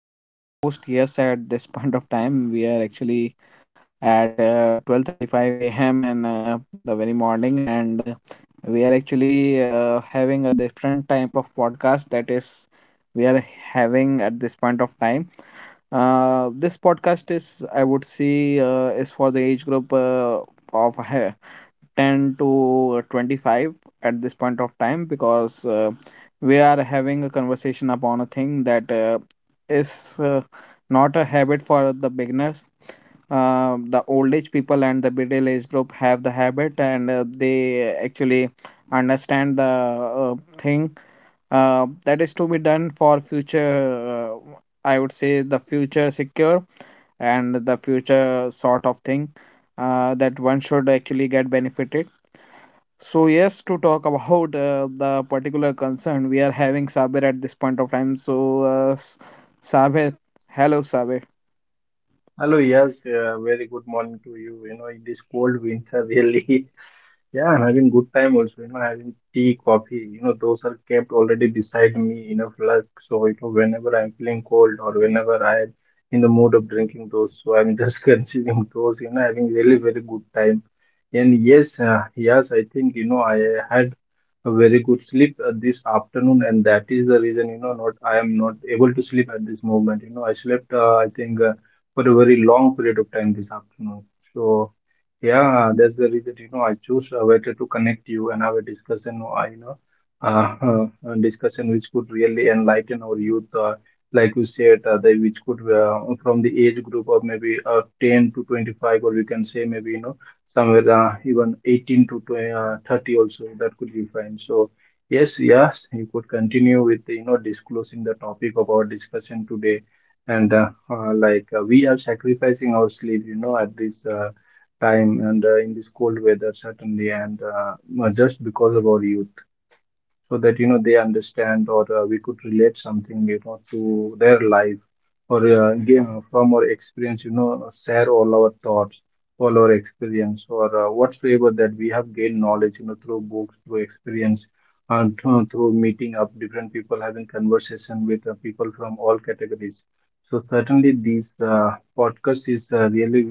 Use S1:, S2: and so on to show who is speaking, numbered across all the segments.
S1: this is your host. Yes, at this point of time, we are actually at 12:35 a.m. in the very morning, and we are actually having a different type of podcast that is we are having at this point of time. This podcast is, I would say, is for the age group of he- 10 to 25 at this point of time because we are having a conversation upon a thing that is not a habit for the beginners, the old age people and the middle age group have the habit and they actually understand the thing that is to be done for future. uh, I would say the future secure and the future sort of thing that one should actually get benefited. So yes, to talk about the particular concern, we are having Sabir at this point of time. So Sabir, hello Sabir.
S2: Hello, yes, very good morning to you. You know, in this cold winter, really, yeah, I'm having good time also. You know, having tea, coffee. You know, those are kept already beside me in a flask. So, you know, whenever I'm feeling cold or whenever I'm in the mood of drinking those, so I'm just consuming those. You know, having really very good time. And yes, yes, I think you know I had a very good sleep this afternoon, and that is the reason you know not I am not able to sleep at this moment. You know, I slept I think. For a very long period of time this afternoon. So yeah, that's the reason you know I choose a better to connect you and have a discussion. You know, a discussion which could really enlighten our youth. Like you said, they, which could from the age group of maybe 10 to 25, or we can say maybe you know somewhere even 18 to 20, 30 also that could be fine. So yes, yes, you could continue with you know disclosing the topic of our discussion today and like we are sacrificing our sleep you know at this time and in this cold weather, certainly, and just because of our youth, so that you know they understand or we could relate something you know to their life, or give from our experience you know, share all our thoughts, all our experience, or whatsoever that we have gained knowledge you know through books, through experience, and through meeting up different people, having conversation with people from all categories. So certainly this podcast is really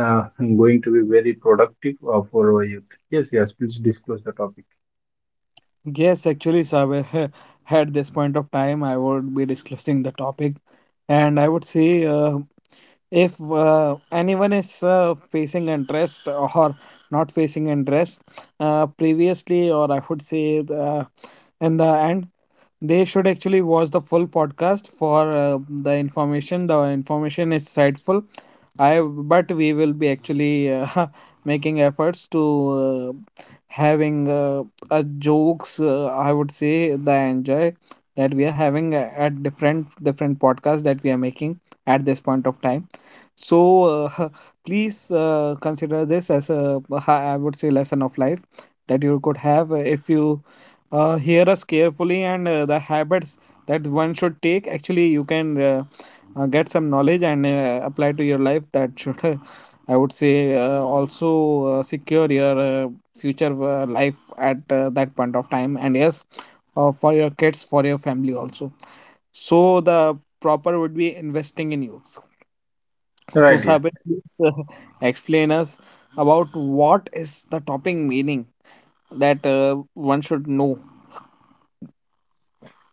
S2: uh, going to be very productive for our youth. Yes, yes, please disclose the topic.
S1: Yes, actually Sabir, at this point of time, I would be discussing the topic, and I would say, if anyone is facing interest or not facing interest, previously or I would say in the end they should actually watch the full podcast for the information. The information is insightful. I but we will be actually making efforts to having a jokes. I would say the enjoy that we are having at different podcasts that we are making at this point of time. So please consider this as a I would say lesson of life that you could have if you hear us carefully and the habits that one should take. Actually, you can get some knowledge and apply to your life. That should I would say also secure your future life at that point of time. And yes, for your kids, for your family also. So the proper would be investing in you. So,
S2: Right, yeah.
S1: Sabir, please explain us about what is the topping meaning that one should know.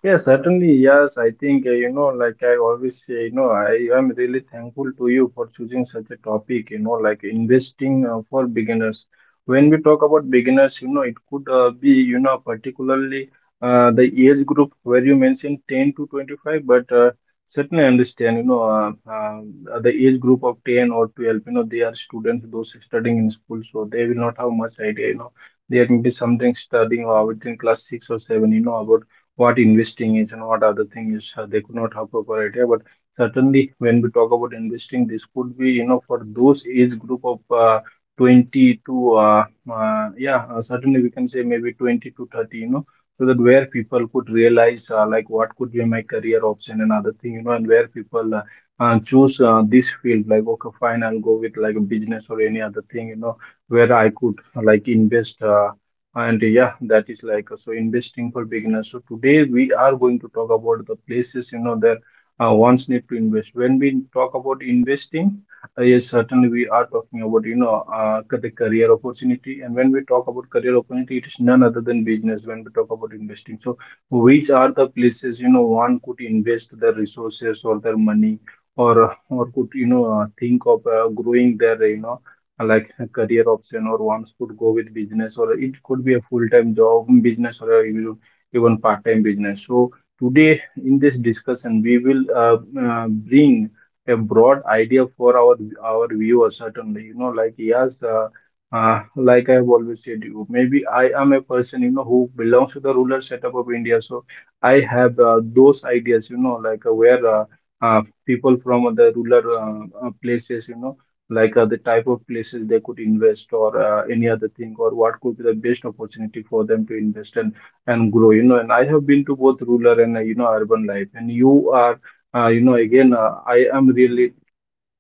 S2: Yeah, certainly. Yes, I think, you know, like I always say, you know, I am really thankful to you for choosing such a topic, you know, like investing for beginners. When we talk about beginners, you know, it could be, you know, particularly the age group where you mentioned 10 to 25, but certainly understand, you know, the age group of 10 or 12, you know, they are students, those studying in school, so they will not have much idea, you know, there may be something studying or within class six or seven, you know, about what investing is and what other thing is. They could not have proper idea, but certainly when we talk about investing, this could be you know for those age group of 20 to yeah certainly we can say maybe 20 to 30, you know, so that where people could realize like what could be my career option and other thing, you know, and where people choose this field, like okay fine, I'll go with like a business or any other thing, you know, where I could like invest. And yeah, that is like so investing for beginners. So today we are going to talk about the places you know that ones need to invest. When we talk about investing, yes, certainly we are talking about you know the career opportunity. And when we talk about career opportunity, it is none other than business. When we talk about investing, so which are the places you know one could invest their resources or their money, or could you know think of growing their, you know, like a career option, or ones could go with business, or it could be a full-time job business, or even part-time business. So today in this discussion we will bring a broad idea for our viewers, certainly, you know, like yes, like I have always said, you maybe I am a person you know who belongs to the rural setup of India, so I have those ideas you know like where people from the rural places, you know, like the type of places they could invest, or any other thing, or what could be the best opportunity for them to invest and grow, you know. And I have been to both rural and you know urban life, and you are you know again I am really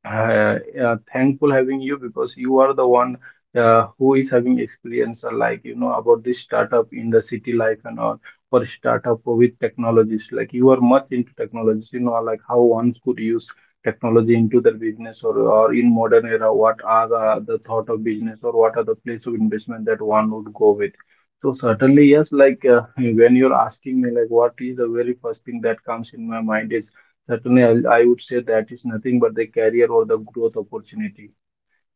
S2: thankful having you, because you are the one who is having experience like you know about this startup in the city life and all, or startup with technologies, like you are much into technologies, you know, like how one could use technology into their business, or in modern era what are the thought of business, or what are the place of investment that one would go with. So certainly yes, like when you're asking me like what is the very first thing that comes in my mind is, certainly, I would say that is nothing but the career or the growth opportunity.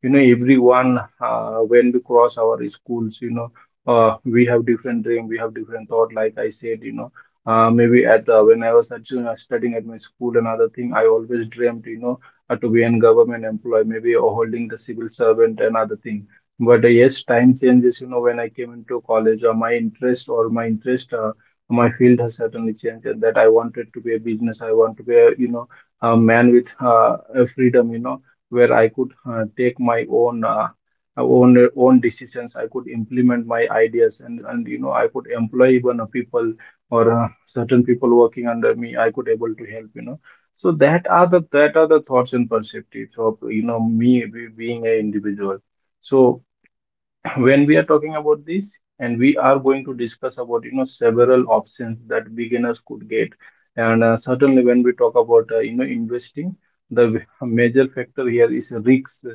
S2: You know everyone, when we cross our schools, you know we have different dream, we have different thought. Like I said, you know, maybe at when I was at, studying at my school, another thing I always dreamed, you know, to be a government employee maybe, or holding the civil servant, another thing. But yes, time changes, you know, when I came into college, my interest my field has certainly changed, and that I wanted to be a business, I want to be a you know a man with a freedom, you know, where I could take my own decisions. I could implement my ideas, and you know I could employ even a people or certain people working under me. I could able to help. You know, so that are the thoughts and perspectives of you know me being a individual. So when we are talking about this, and we are going to discuss about you know several options that beginners could get, and certainly when we talk about you know investing, the major factor here is risks.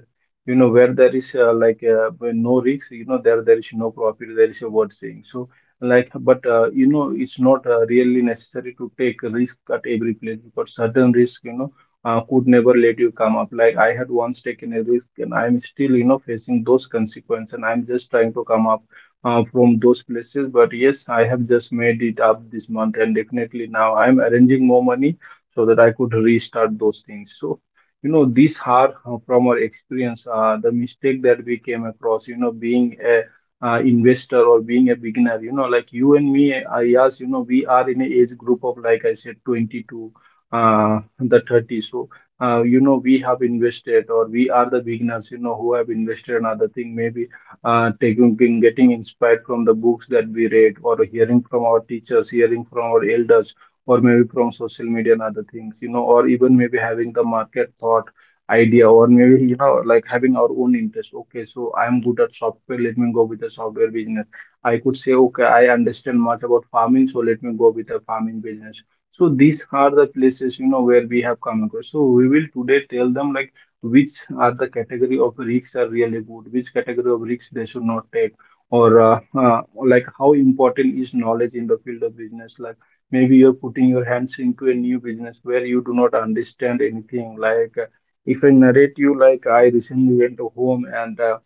S2: You know, where there is where no risk, you know, there is no profit, there is a word saying so. Like, but you know it's not really necessary to take a risk at every place, because certain risk, you know, could never let you come up. Like I had once taken a risk, and I'm still, you know, facing those consequences. And I'm just trying to come up from those places. But yes, I have just made it up this month, and definitely now I'm arranging more money so that I could restart those things. So, you know, these are from our experience the mistake that we came across. You know, being a investor, or being a beginner, you know, like you and me, I yes you know we are in a age group of like I said 22 the 30. So you know we have invested, or we are the beginners, you know, who have invested in other thing, maybe taking getting getting inspired from the books that we read, or hearing from our teachers, hearing from our elders, or maybe from social media and other things, you know, or even maybe having the market thought idea, or maybe, you know, like having our own interest, okay, so I'm good at software, let me go with the software business. I could say, okay, I understand much about farming, so let me go with the farming business. So these are the places, you know, where we have come across. So we will today tell them like which are the category of risks are really good, which category of risks they should not take, or like how important is knowledge in the field of business. Like maybe you're putting your hands into a new business where you do not understand anything. Like if I narrate you, like I recently went to home, and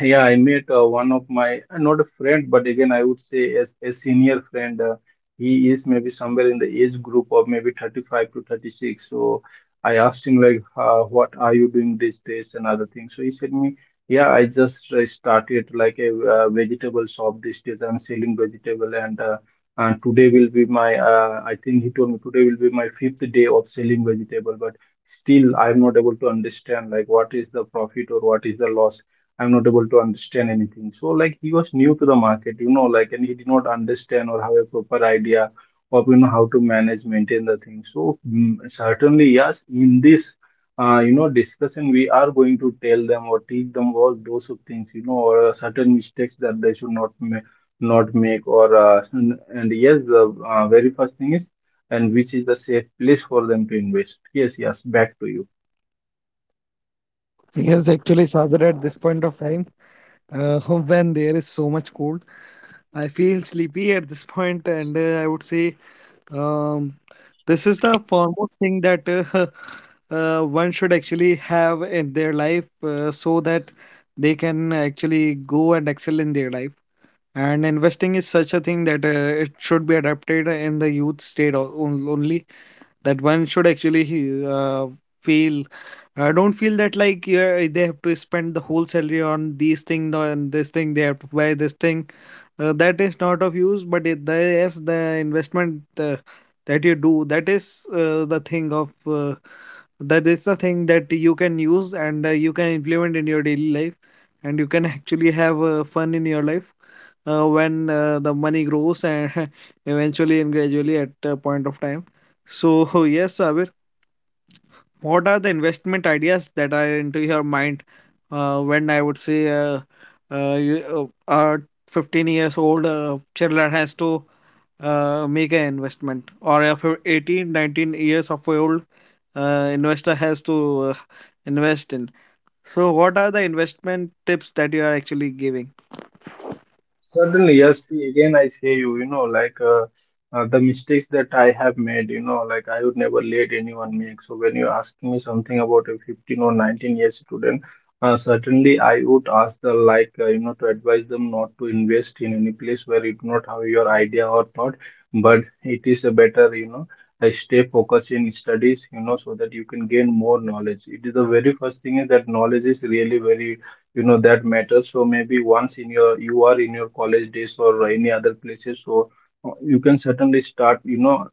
S2: yeah, I met one of my, not a friend, but again, I would say as a senior friend. He is maybe somewhere in the age group of maybe 35 to 36. So I asked him like, what are you doing these days and other things. So he said me, yeah, I just started like a vegetable shop these days. I'm selling vegetable and today will be my, I think he told me today will be my fifth day of selling vegetable, but still I'm not able to understand like what is the profit or what is the loss. I'm not able to understand anything. So like he was new to the market, you know, like and he did not understand or have a proper idea of, you know, how to manage, maintain the thing. So certainly yes, in this you know discussion we are going to tell them or teach them all those of things, you know, or certain mistakes that they should not make or and yes, the very first thing is, and which is the safe place for them to invest. Yes, yes, back to you.
S1: Yes, actually, Sagar, at this point of time, uh, when there is so much cold, I feel sleepy at this point, and I would say, um, this is the foremost thing that one should actually have in their life so that they can actually go and excel in their life. And investing is such a thing that it should be adapted in the youth state only. That one should actually feel. I don't feel that like yeah, they have to spend the whole salary on these thing no, and this thing. They have to buy this thing. That is not of use. But yes, the investment that you do, that is the thing of that is the thing that you can use and you can implement in your daily life, and you can actually have fun in your life when the money grows and eventually and gradually at a point of time. So yes, Sabir, what are the investment ideas that are into your mind when I would say you, our 15 years old children has to make an investment or a 18, 19 years of old investor has to invest in. So what are the investment tips that you are actually giving?
S2: Certainly, yes. See, again, I say you, you know, like the mistakes that I have made, you know, like I would never let anyone make. So when you ask me something about a 15 or 19 years student, certainly I would ask the like, you know, to advise them not to invest in any place where you do not have your idea or thought, but it is a better, you know, I stay focused in studies, you know, so that you can gain more knowledge. It is the very first thing is that knowledge is really very, you know, that matters. So maybe once in your, you are in your college days or any other places, so you can certainly start, you know,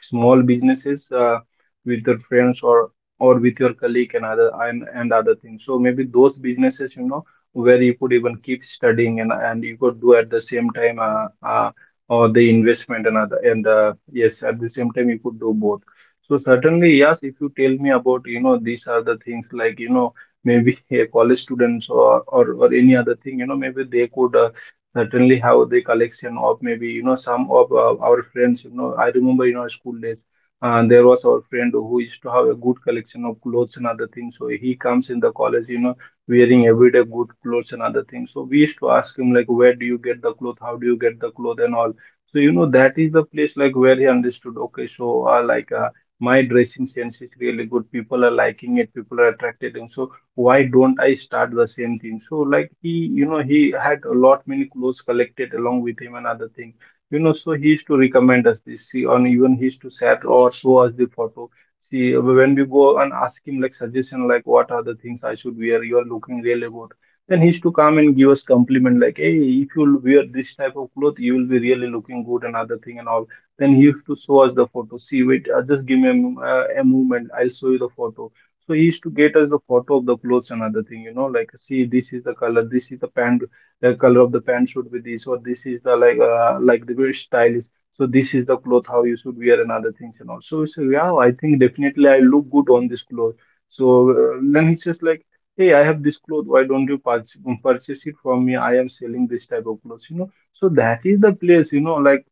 S2: small businesses with your friends or with your colleague and other and other things. So maybe those businesses, you know, where you could even keep studying and you could do at the same time, or the investment and other, and yes, at the same time you could do both. So certainly yes, if you tell me about, you know, these are the things, like, you know, maybe a college students or any other thing, you know, maybe they could certainly have the collection of maybe, you know, some of our friends. You know, I remember in our school days there was our friend who used to have a good collection of clothes and other things. So he comes in the college, you know, wearing everyday good clothes and other things. So we used to ask him like, where do you get the cloth, how do you get the cloth and all? So you know, that is the place like where he understood okay, so like my dressing sense is really good, people are liking it, people are attracted, and so why don't I start the same thing? So like he, you know, he had a lot many clothes collected along with him and other thing. You know, so he used to recommend us this, see, on even he used to share or show us the photo. See, when we go and ask him like suggestion, like what are the things I should wear, you are looking really good. Then he used to come and give us compliment like, hey, if you wear this type of cloth, you will be really looking good and other thing and all. Then he used to show us the photo. See, wait, just give me a, a moment. I'll show you the photo. So he used to get us the photo of the clothes and other thing, you know, like, see, this is the color, this is the pant, the color of the pant should be this, or this is the like, like the very style is. So this is the cloth how you should wear and other things and all. So, so yeah, I think definitely I look good on this cloth. So then he's just like, hey, I have this cloth. Why don't you purchase it from me? I am selling this type of clothes, you know. So that is the place, you know, like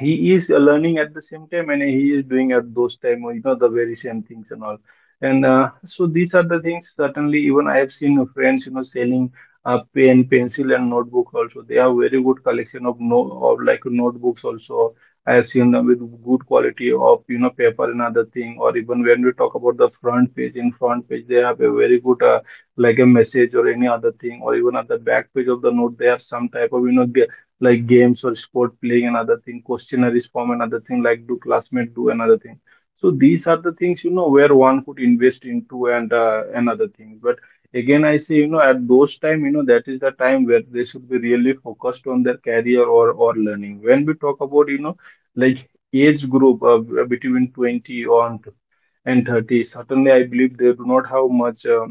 S2: he is learning at the same time, and he is doing at those time, you know, the very same things and all. And so these are the things, certainly even I have seen friends, you know, selling pen, pencil, and notebook also. They have very good collection of no of like notebooks also. I have seen them with good quality of, you know, paper and other thing. Or even when we talk about the front page, in front page they have a very good, like a message or any other thing, or even at the back page of the note they have some type of, you know, like games or sport playing another thing, questionnaires form another thing, like do classmate do another thing. So these are the things, you know, where one could invest into and another thing. But again I say, you know, at those time, you know, that is the time where they should be really focused on their career or learning. When we talk about, you know, like age group between 20 on and 30, certainly I believe they do not have much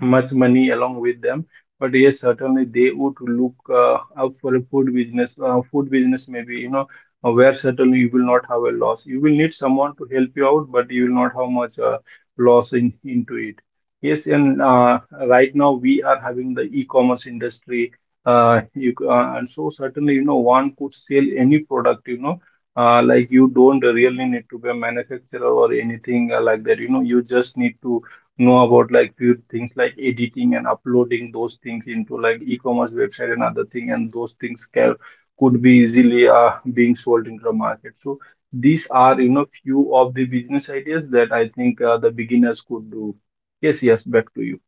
S2: much money along with them. But yes, certainly they would look up for a food business. Food business, maybe, you know, where certainly you will not have a loss. You will need someone to help you out, but you will not have much loss in into it. Yes, and right now we are having the e commerce industry. And so certainly, you know, one could sell any product. You know. Like, you don't really need to be a manufacturer or anything like that. You know, you just need to know about like few things like editing and uploading those things into like e-commerce website and other thing, and those things can could be easily being sold into the market. So these are, you know, few of the business ideas that I think the beginners could do. Yes, yes, back to you.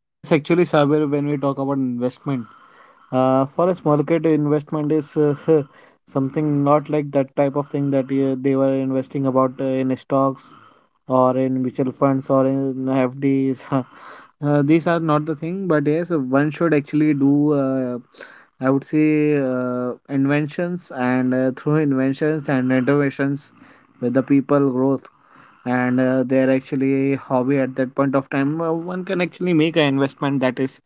S1: Yes, actually, Sabir, when we talk about investment. For a small kid, investment is something not like that type of thing that they were investing about in stocks or in mutual funds or in FDs. These are not the thing, but yes, one should actually do. I would say inventions and through inventions and innovations with the people growth and they're actually a hobby at that point of time. One can actually make an investment that is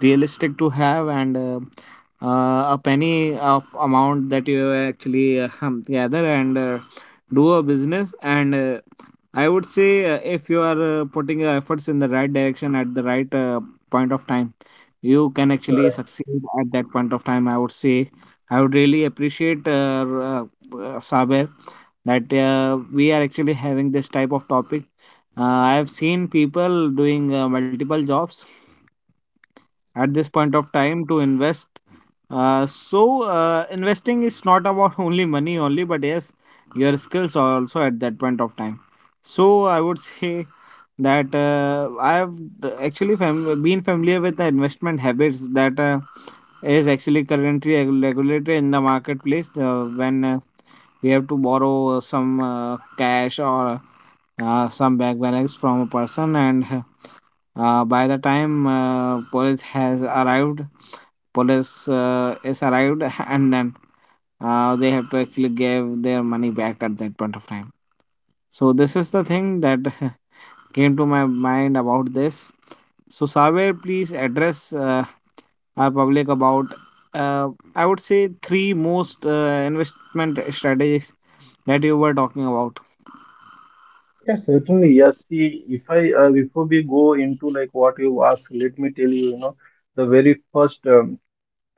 S1: realistic to have and a penny of amount that you actually gather and do a business and I would say if you are putting your efforts in the right direction at the right point of time you can
S2: Uh,
S1: actually succeed at that point of time, I would say. I would really appreciate, Saber, that we are actually having this type of topic. I have seen people doing multiple jobs at this point of time to invest. Investing is not about only money only, but yes, your skills are also at that point of time. So I would say that, actually been familiar with the investment habits that is actually currently regulated in the marketplace when we have to borrow some cash or some bank balance from a person and by the time police has arrived, police is arrived and then they have to actually give their money back at that point of time. So this is the thing that came to my mind about this. So Saber, please address our public about uh, I would say three most investment strategies that you were talking about.
S2: Yes, certainly. Yes, see, if I before we go into like what you asked, let me tell you, you know, the very first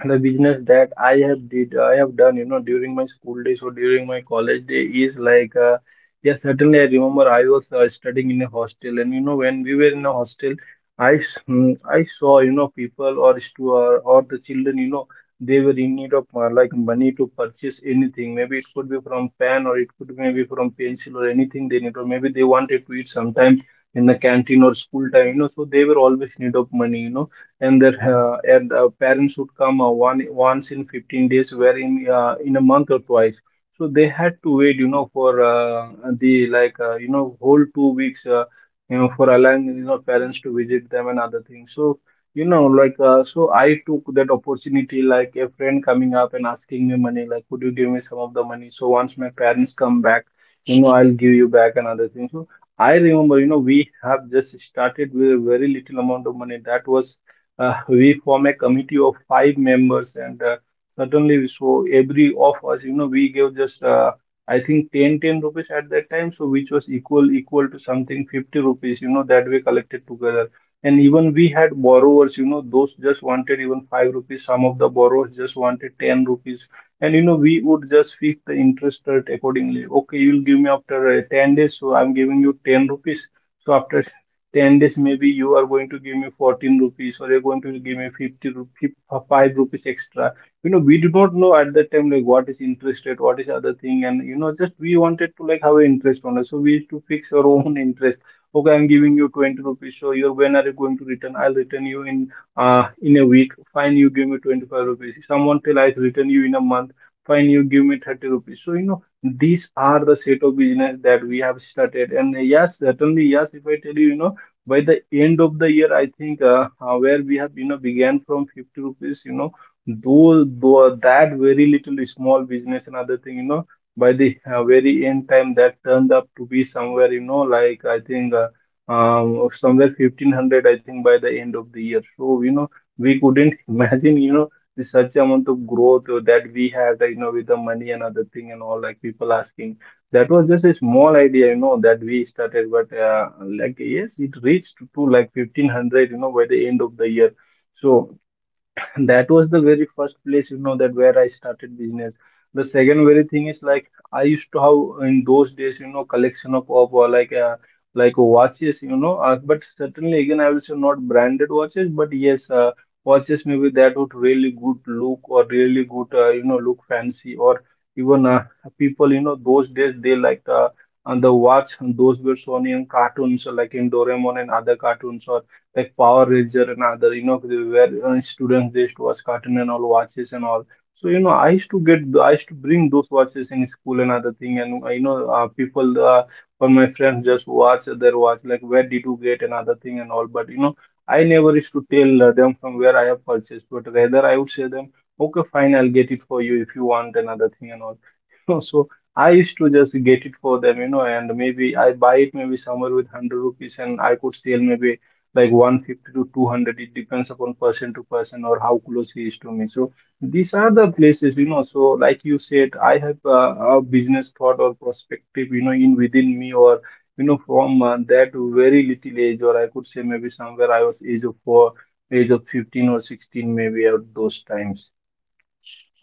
S2: the business that I have done you know during my school days or during my college day is like yeah, certainly I remember I was studying in a hostel, and you know, when we were in a hostel I saw, you know, people or the children, you know, they were in need of like money to purchase anything. Maybe it could be from pen or it could maybe from pencil or anything they need, or maybe they wanted to eat sometime in the canteen or school time, you know. So they were always in need of money, you know. And that parents would come one once in 15 days, where in a month or twice. So they had to wait, you know, for the like you know whole 2 weeks, you know, for allowing you know parents to visit them and other things. So you know, like so I took that opportunity, like a friend coming up and asking me money, like, could you give me some of the money? So once my parents come back, you know, I'll give you back and other things. So I remember, you know, we have just started with a very little amount of money. That was we form a committee of five members and certainly so every of us, you know, we gave just I think ten rupees at that time, so which was equal to something 50 rupees, you know, that we collected together. And even we had borrowers, you know, those just wanted even 5 rupees, some of the borrowers just wanted 10 rupees. And, you know, we would just fix the interest rate accordingly. Okay, you will give me after 10 days, so I'm giving you 10 rupees. So after 10 days, maybe you are going to give me 14 rupees, or you're going to give me 50 rupees, 5 rupees extra. You know, we did not know at that time like what is interest rate, what is other thing. And, you know, just we wanted to like have an interest on it, so we used to fix our own interest. Okay, I'm giving you 20 rupees, so you're when are you going to return? I'll return you in a week. Fine, you give me 25 rupees. Someone tell, I return you in a month. Fine, you give me 30 rupees. So, you know, these are the set of business that we have started. And yes, certainly, yes, if I tell you, you know, by the end of the year, I think where we have, you know, began from 50 rupees, you know, though that very little small business and other thing, you know, by the very end time, that turned up to be somewhere, you know, like I think somewhere 1,500, I think, by the end of the year. So, you know, we couldn't imagine, you know, the such amount of growth that we had, you know, with the money and other thing and all, like people asking. That was just a small idea, you know, that we started, but like, yes, it reached to like 1,500, you know, by the end of the year. So that was the very first place, you know, that where I started business. The second very thing is like I used to have in those days, you know, collection of like watches, you know. But certainly, again, I will say not branded watches, but yes, watches maybe that would really good look, or really good, you know, look fancy, or even people, you know, those days they like, and the watch, those were shown in cartoons, like in Doraemon and other cartoons, or like Power Ranger and other, you know, they where students they used to watch cartoon and all, watches and all. So, you know, I used to bring those watches in school and other thing, and you know, people, or my friends just watch their watch, like where did you get another thing and all. But, you know, I never used to tell them from where I have purchased, but rather I would say them, okay, fine, I'll get it for you if you want another thing and all. So I used to just get it for them, you know, and maybe I buy it maybe somewhere with 100 rupees, and I could sell maybe like 150 to 200. It depends upon person to person, or how close he is to me. So these are the places, you know. So like you said, I have a business thought or perspective, you know, in within me, or, you know, from that very little age, or I could say maybe somewhere I was age of four, age of 15 or 16 maybe at those times.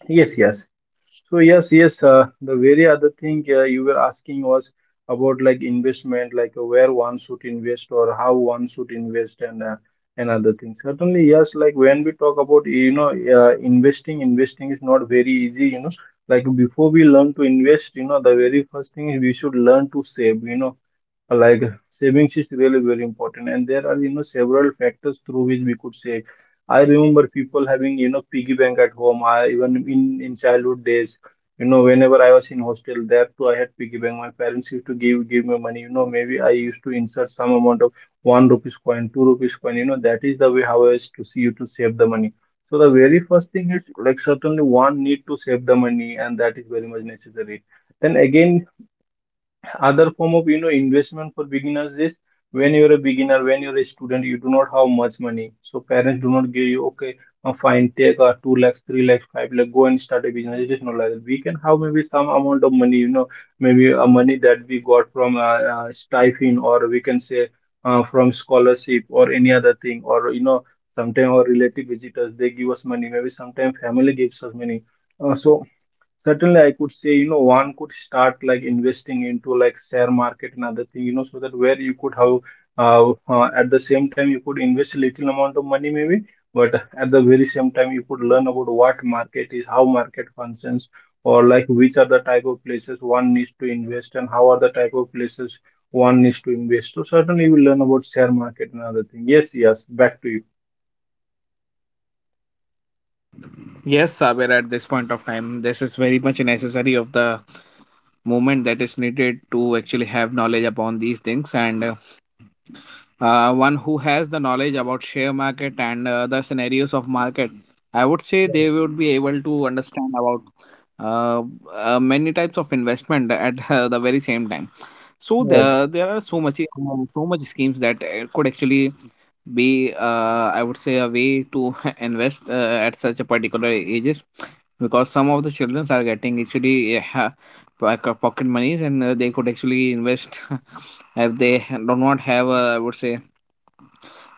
S2: Yes, yes. So yes, yes. The very other thing you were asking was about like investment, like where one should invest or how one should invest, and other things. Certainly, yes. Like when we talk about, you know, investing, investing is not very easy. You know, like before we learn to invest, you know, the very first thing is we should learn to save. You know, like savings is really very important, and there are, you know, several factors through which we could save. I remember people having, you know, piggy bank at home. I even in childhood days, you know, whenever I was in hostel, there too I had piggy bank. My parents used to give me money, you know, maybe I used to insert some amount of one rupees coin, two rupees coin, you know. That is the way how I used to see you to save the money. So the very first thing is, like, certainly one need to save the money, and that is very much necessary. Then again, other form of, you know, investment for beginners is, when you're a beginner, when you're a student, you do not have much money, so parents do not give you, okay, fine, take
S1: Hello,
S2: 2
S1: Sabir, are
S2: lakhs,
S1: you
S2: 3
S1: doing?
S2: lakhs, 5 lakhs, go and start a business. It is not like that. We can have maybe some amount of money, you know, maybe a money that we got from stipend, or we can say from scholarship, or any other thing. Or, you know, sometimes our relative visitors, they give us money, maybe sometimes family gives us money. So certainly, I could say, you know, one could start like investing into like share market and other thing, you know, so that where you could have, at the same time, you could invest a little amount of money maybe, but at the very same time you could learn about what market is, how market functions, or like which are the type of places one needs to invest, and how are the type of places one needs to invest. So certainly you will learn about share market and other thing. Yes, yes, back to you.
S1: Yes, Sabir, at this point of time, this is very much necessary of the movement that is needed to actually have knowledge upon these things. And one who has the knowledge about share market and the scenarios of market, I would say they would be able to understand about uh, many types of investment at the very same time. So
S2: Right,
S1: there are so much, so much schemes that could actually be I would say a way to invest at such a particular ages because some of the children are getting actually, yeah, pocket monies and they could actually invest. If they do not have a, I would say,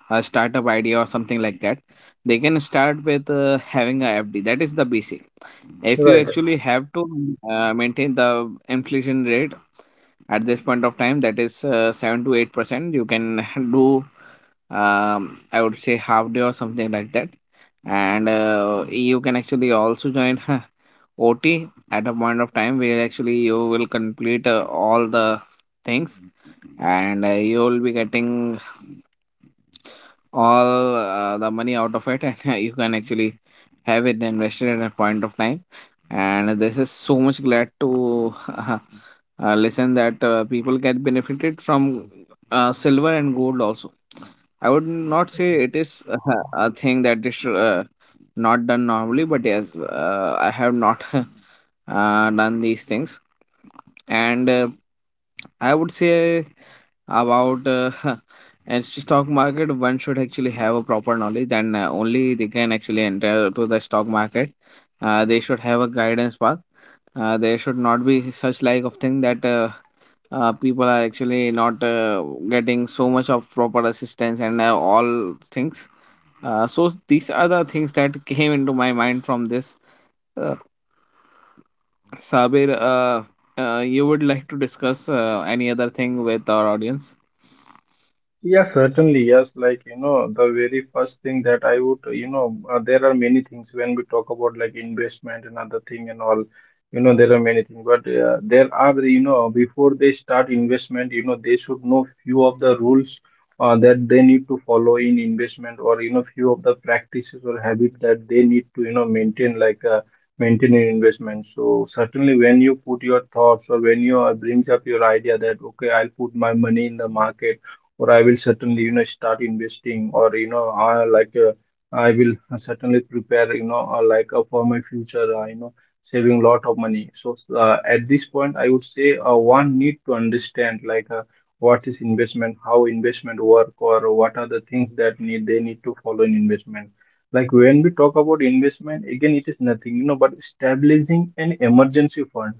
S1: a startup idea or something like that, they can start with having a FD. That is the basic. If you
S2: right.
S1: actually have to maintain the inflation rate at this point of time that is 7 to 8%, you can do I would say half day or something like that, and you can actually also join ot at a point of time where actually you will complete all the things, and you will be getting all the money out of it and you can actually have it invested at a point of time. And this is so much glad to listen that people get benefited from silver and gold also. I would not say it is a thing that is not done normally but yes, I have not done these things. And I would say about and stock market, one should actually have a proper knowledge, and only they can actually enter to the stock market. They should have a guidance path. There should not be such like of thing that people are actually not getting so much of proper assistance and all things. These are the things that came into my mind from this. Uh, Sabir, you would like to discuss any other thing with our audience?
S2: Yeah, certainly. Yes, like, you know, the very first thing that I would, you know, there are many things when we talk about like investment and other thing and all, you know, there are many things, but there are, you know, before they start investment, you know, they should know few of the rules that they need to follow in investment, or, you know, few of the practices or habit that they need to, you know, maintain in investment. So certainly when you put your thoughts or when you brings up your idea that, okay, I'll put my money in the market, or I will certainly, you know, start investing, or, you know, I will certainly prepare, you know, like for my future, you know, saving lot of money. So at this point I would say one need to understand like what is investment, how investment work, or what are the things that need they need to follow in investment. Like when we talk about investment, again it is nothing, you know, but establishing an emergency fund,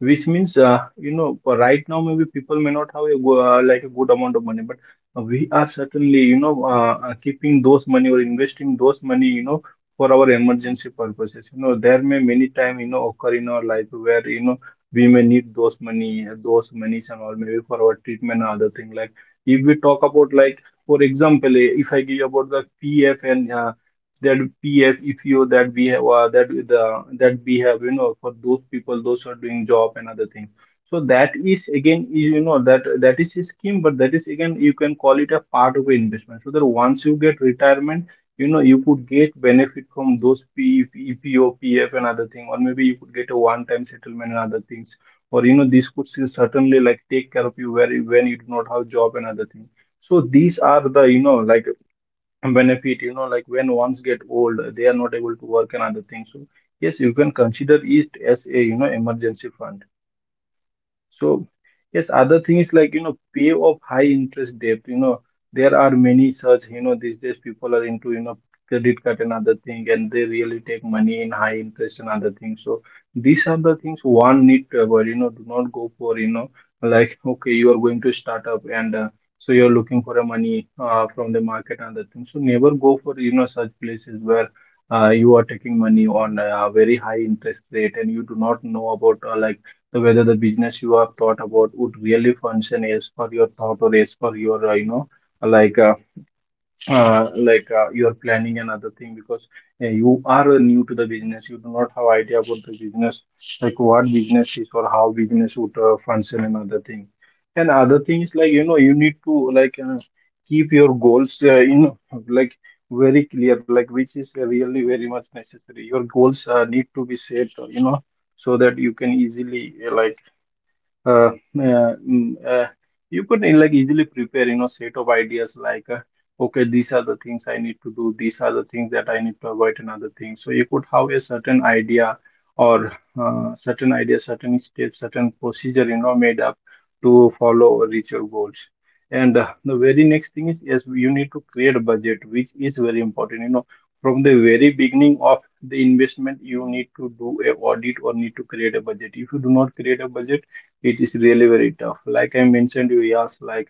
S2: which means you know, for right now maybe people may not have a like a good amount of money, but we are certainly, you know, keeping those money, or investing those money, you know, for our emergency purposes. You know, there may many time, you know, occur in our life where, you know, we may need those money, those monies and all, maybe for our treatment or other thing. Like if we talk about, like, for example, if I give you about the PF and that PFEPO that we have, that we have, you know, for those people, those who are doing job and other things. So that is again, you know, that that is a scheme, but that is again, you can call it a part of an investment. So that once you get retirement, you know, you could get benefit from those PEPOPF and other thing, or maybe you could get a one-time settlement and other things. Or, you know, this could still certainly like take care of you where when you do not have job and other things. So these are the, you know, like benefit, you know, like when ones get old, they are not able to work and other things, so yes, you can consider it as a, you know, emergency fund. So, yes, other thing is like, you know, pay off high interest debt. You know, there are many such, you know, these days people are into, you know, credit card and other thing, and they really take money in high interest and other things. So these are the things one need to avoid, you know, do not go for, you know, like, okay, you are going to start up and so you're looking for a money from the market and other things. So never go for such places where you are taking money on a very high interest rate, and you do not know about whether the business you have thought about would really function as per your thought, or as per your like uh, planning and other thing. Because you are new to the business, you do not have idea about the business, like what business is or how business would function and other thing. And other things, like you need to keep your goals, like very clear, like, which is really very much necessary. Your goals need to be set, so that you can easily uh, uh, mm, uh, you could easily prepare, set of ideas, okay, these are the things I need to do, these are the things that I need to avoid and other things. So you could have a certain idea, or certain steps, certain procedure, made up, to follow or reach your goals. And the very next thing is, yes, you need to create a budget, which is very important. From the very beginning of the investment, you need to do a audit, or need to create a budget. If you do not create a budget, it is really very tough, like I mentioned you. Yes, like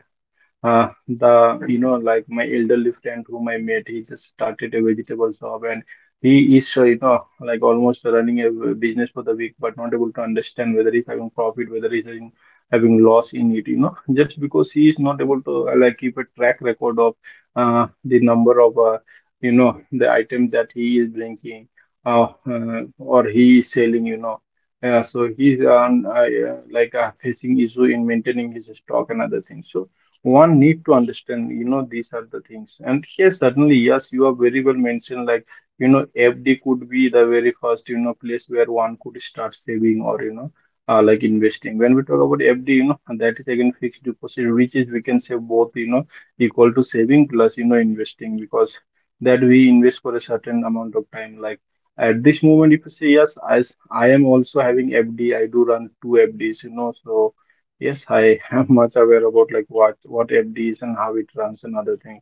S2: the you know like my elderly friend whom I met, he just started a vegetable shop, and he is almost running a business for the week, but not able to understand whether he's having profit, whether he's having loss in it. You know, just because he is not able to keep a track record of the number of, the items that he is bringing or he is selling. You know. Yeah, so he's on, yeah, like facing issue in maintaining his stock and other things. So one need to understand, these are the things. And yes, certainly, yes, you are very well mentioned, like, FD could be the very first, place where one could start saving, or investing. When we talk about FD, that is again fixed deposit, which is, we can say, both, equal to saving plus, investing, because that we invest for a certain amount of time. Like at this moment, if you say, yes, as I am also having FD, I do run two FDs, so yes, I am much aware about like what FD is and how it runs and other thing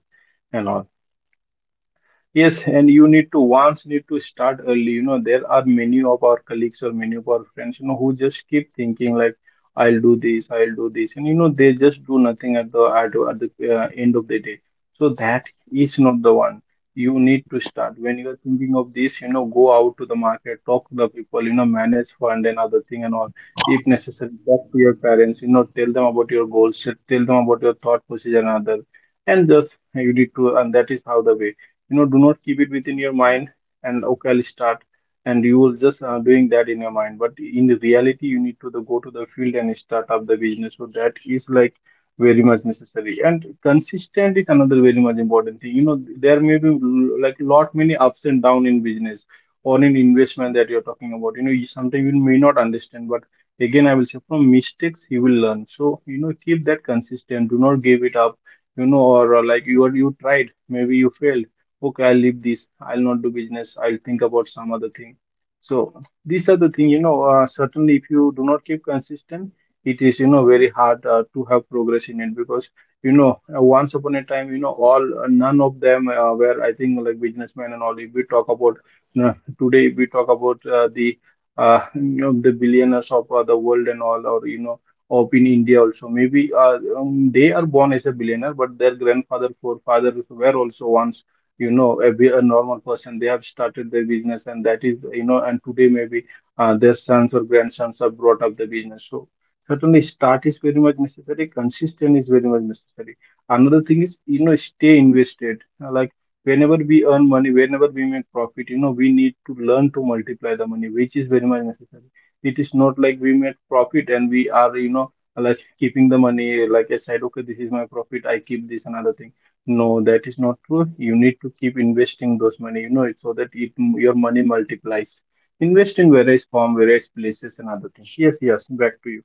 S2: and all. Yes, and you need to, once, need to start early. You know, there are many of our colleagues or many of our friends, who just keep thinking like, I'll do this, and, they just do nothing at the end of the day. So that is not the one. You need to start when you are thinking of this. You know, go out to the market, talk to the people. You know, manage fund and other thing and all. If necessary, talk to your parents. Tell them about your goals, tell them about your thought procedure and other, and just you need to, and that is how the way, do not keep it within your mind and, okay, I'll start, and you will just doing that in your mind. But in the reality, you need to go to the field and start up the business. So that is like very much necessary. And consistent is another very much important thing. There may be like lot many ups and down in business, or in investment that you're talking about. You sometimes you may not understand, but again, I will say from mistakes you will learn. So, keep that consistent, do not give it up. Or like, you are, you tried, maybe you failed, okay, I'll leave this, I'll not do business, I'll think about some other thing. So these are the thing. Certainly, if you do not keep consistent, it is, very hard to have progress in it. Because, once upon a time, all, none of them were, I think, like businessmen and all, if we talk about you. Today, if we talk about the, the billionaires of the world and all, or of in India also. Maybe they are born as a billionaire, but their grandfather, forefathers, were also once, every a normal person, they have started their business, and that is, and today maybe their sons or grandsons have brought up the business. So certainly start is very much necessary, consistent is very much necessary. Another thing is, stay invested. Whenever we earn money, whenever we make profit, we need to learn to multiply the money, which is very much necessary. It is not like we make profit and we are, like keeping the money like aside, okay, this is my profit, I keep this another thing. No, that is not true. You need to keep investing those money, it, so that it your money multiplies. Invest in various form, various places, and other things. Yes, yes. Back to you.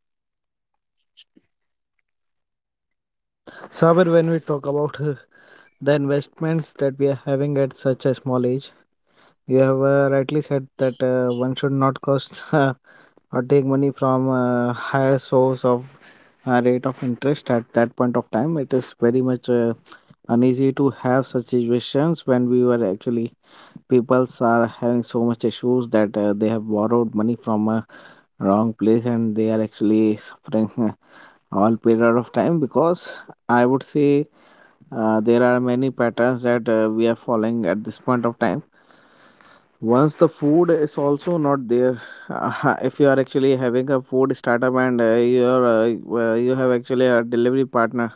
S1: Saber, when we talk about the investments that we are having at such a small age, you have rightly said that one should not cost or take money from a higher source of rate of interest at that point of time. It is very much uneasy to have such situations when we were actually peoples are having so much issues that they have borrowed money from a wrong place and they are actually suffering all period of time. Because I would say there are many patterns that we are following at this point of time. Once the food is also not there, if you are actually having a food startup and you are well, you have actually a delivery partner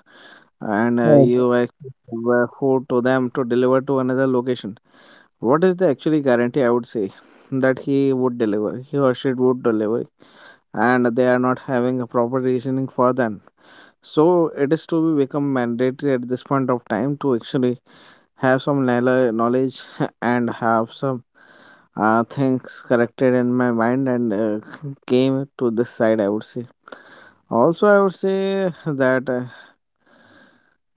S1: and
S2: Okay.
S1: you actually deliver food to them to deliver to another location, what is the actually guarantee, I would say, that he would deliver, he or she would deliver, and they are not having a proper reasoning for them. So it is to be become mandatory at this point of time to actually have some knowledge and have some things corrected in my mind, and came to this side, I would say. Also, I would say that, uh,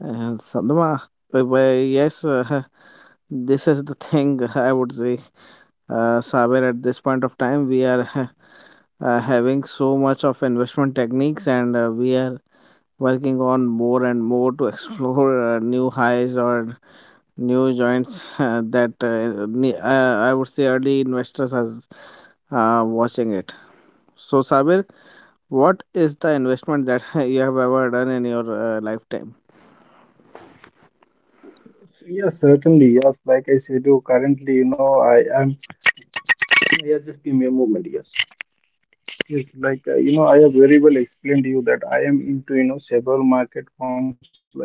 S1: uh, Sadma, well, yes, this is the thing, I would say. Saber, at this point of time, we are having so much of investment techniques, and we are working on more and more to explore new highs or new joints that I would say early investors are watching it. So, Sabir, what is the investment that you have ever done in your lifetime?
S2: So, yes, certainly. Yes, like I said, you currently, I am. Yeah, just give me a moment. Yes. Yes, like I have very well explained to you that I am into, several market forms. Like,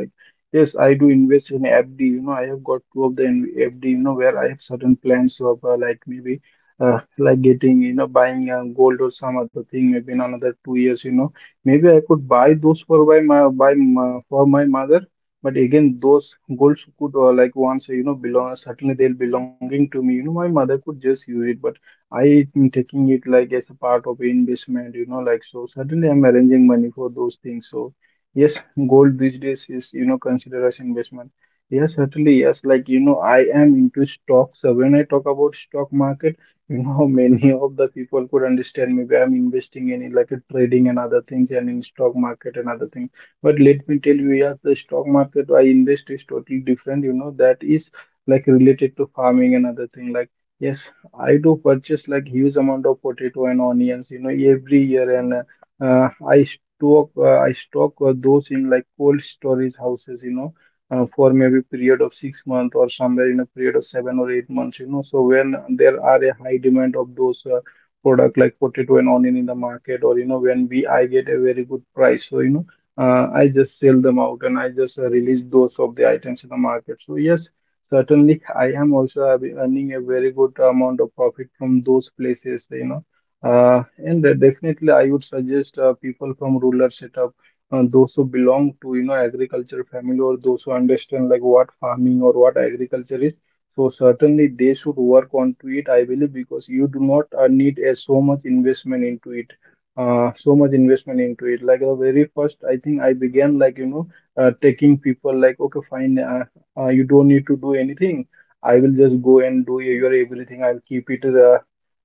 S2: yes, I do invest in FD. You know, I have got two of the in- FD. Where I have certain plans of like maybe like getting, buying gold or some other thing. Maybe in another 2 years, maybe I could buy those for buy for my mother. But again, those golds could like once, belong, certainly they'll belonging to me. You know, my mother could just use it, but I am taking it like as a part of investment, like, so suddenly I'm arranging money for those things. So yes, gold these days is, considered as investment. Yes, certainly, yes, like, I am into stocks. So when I talk about stock market, many of the people could understand, maybe I'm investing in like a trading and other things, and in stock market and other things. But let me tell you, yes, the stock market I invest is totally different, that is like related to farming and other thing, like. Yes, I do purchase like huge amount of potato and onions, every year, and I stock, those in like cold storage houses, for maybe period of 6 months, or somewhere in a period of 7 or 8 months, you know. So when there are a high demand of those product like potato and onion in the market, or when we I get a very good price, so you know. I just sell them out, and I just release those of the items in the market. So yes, certainly, I am also have been earning a very good amount of profit from those places, you know. And definitely, I would suggest people from rural setup, those who belong to, agriculture family, or those who understand like what farming or what agriculture is. So certainly they should work onto it, I believe, because you do not need a so much investment into it. Like the very first, I think, I began like, taking people like, okay, fine, you don't need to do anything. I will just go and do your everything. I'll keep it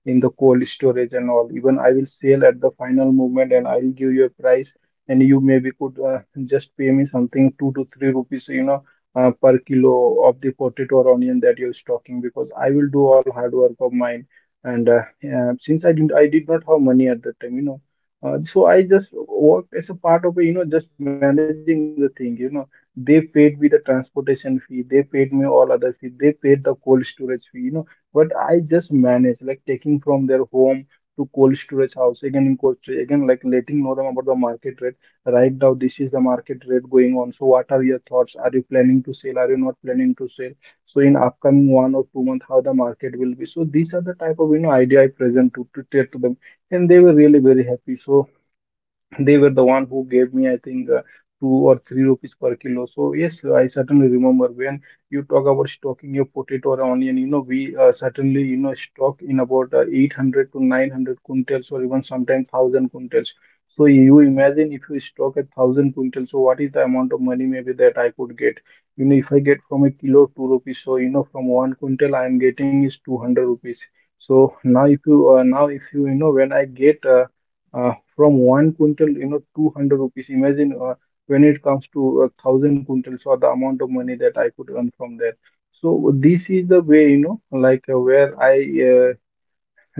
S2: in the cold storage and all. Even I will sell at the final moment and I'll give you a price. And you maybe could just pay me something 2 to 3 rupees, per kilo of the potato or onion that you're stocking, because I will do all hard work of mine. And since I didn't, I did not have money at that time, you know. So I just worked as a part of a, just managing the thing, they paid me the transportation fee, they paid me all other fee, they paid the cold storage fee, you know. But I just managed like taking from their home to cold storage house, again in cold storage, again like letting know them about the market rate. Right now, this is the market rate going on. So what are your thoughts? Are you planning to sell? Are you not planning to sell? So in upcoming 1 or 2 months, how the market will be. So these are the type of, idea I present to to them, and they were really very happy. So they were the one who gave me, I think, 2 or 3 rupees per kilo. So yes, I certainly remember when you talk about stocking your potato or onion, we, certainly, stock in about 800 to 900 quintals, or even sometimes 1,000 quintals. So you imagine, if you stock at 1,000 quintals, so what is the amount of money, maybe, that I could get. You know, if I get from a kilo 2 rupees, so, from one quintal I am getting is 200 rupees. So now if you now, if you, you know when I get from one quintal, 200 rupees. Imagine when it comes to 1,000 quintals, or the amount of money that I could earn from that. So this is the way, like where I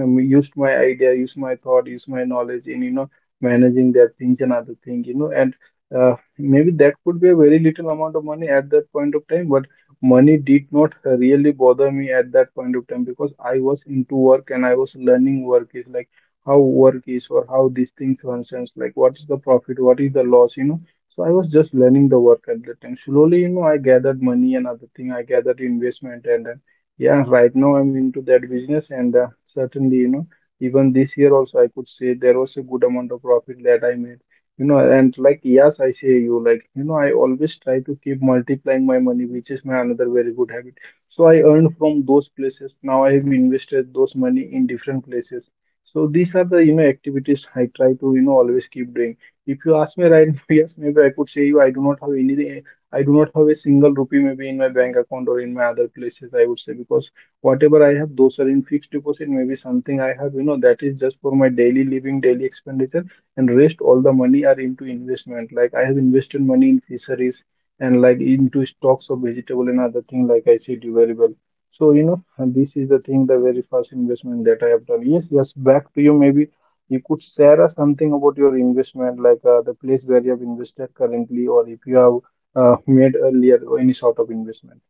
S2: used my idea, used my thought, used my knowledge in, managing that things and other thing, and maybe that could be a very little amount of money at that point of time. But money did not really bother me at that point of time, because I was into work, and I was learning work is like how work is or how these things functions, like what is the profit, what is the loss, you know. So I was just learning the work at that time. Slowly, I gathered money and other thing, I gathered investment. And yeah, right now I'm into that business, and certainly, even this year also, I could say, there was a good amount of profit that I made. You know, and like, yes, I say you, like, I always try to keep multiplying my money, which is my another very good habit. So I earned from those places, now I have invested those money in different places. So these are the, activities I try to, always keep doing. If you ask me right now, yes, maybe I could say you, I do not have any, I do not have a single rupee maybe in my bank account or in my other places, I would say, because whatever I have, those are in fixed deposit. Maybe something I have, that is just for my daily living, daily expenditure, and rest all the money are into investment. Like I have invested money in fisheries, and like into stocks of vegetable and other thing, like I said you very well. So, this is the thing, the very first investment that I have done. Yes, yes, back to you, maybe you could share us something about your investment, like the place where you have invested currently, or if you have made earlier or any sort of investment.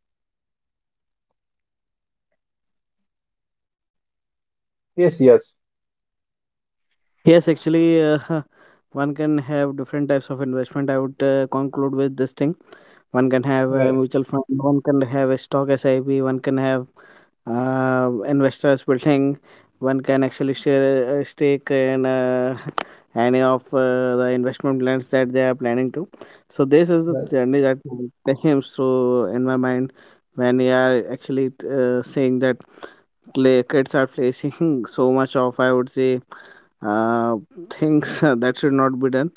S2: Yes, yes,
S1: Yes, actually, one can have different types of investment. I would conclude with this thing. One can have
S2: right,
S1: a
S2: right.
S1: mutual fund, one can have a stock SIP, one can have investors building, one can actually share a stake in any of the investment plans that they are planning to. So this is the
S2: Yes,
S1: journey that comes through in my mind when we are actually saying that kids are facing so much of, I would say, uh, things that should not be done.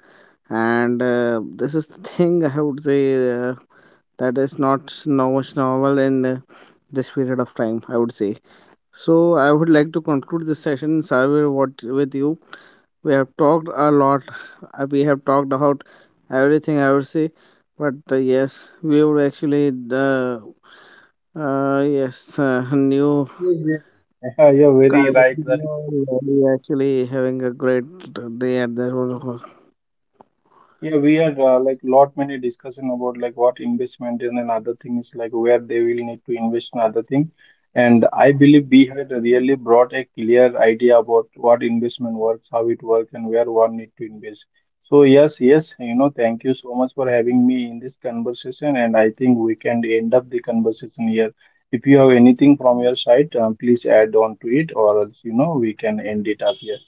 S1: And this is the thing I would say uh, that is not now much normal in this period of time, I would say. So I would like to conclude this session, Sabir, what with you we have talked a lot. We have talked about everything, I would say, but yes, we would actually the yes, new
S2: yes. You're very
S1: card
S2: right. That.
S1: we actually having a great day at the road.
S2: Yeah, we had like lot many discussion about like what investment is and other things, like where they will need to invest in other thing. And I believe we had really brought a clear idea about what investment works, how it works, and where one need to invest. So yes, yes, thank you so much for having me in this conversation. And I think we can end up the conversation here. If you have anything from your side, please add on to it, or else, we can end it up here.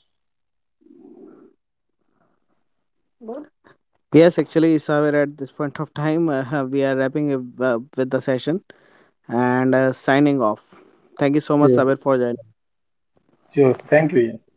S1: Yes, actually, Saver, at this point of time, we are wrapping up with the session and signing off. Thank you so much,
S2: Sure,
S1: Sabir, for joining.
S2: sure. Thank you. Yeah.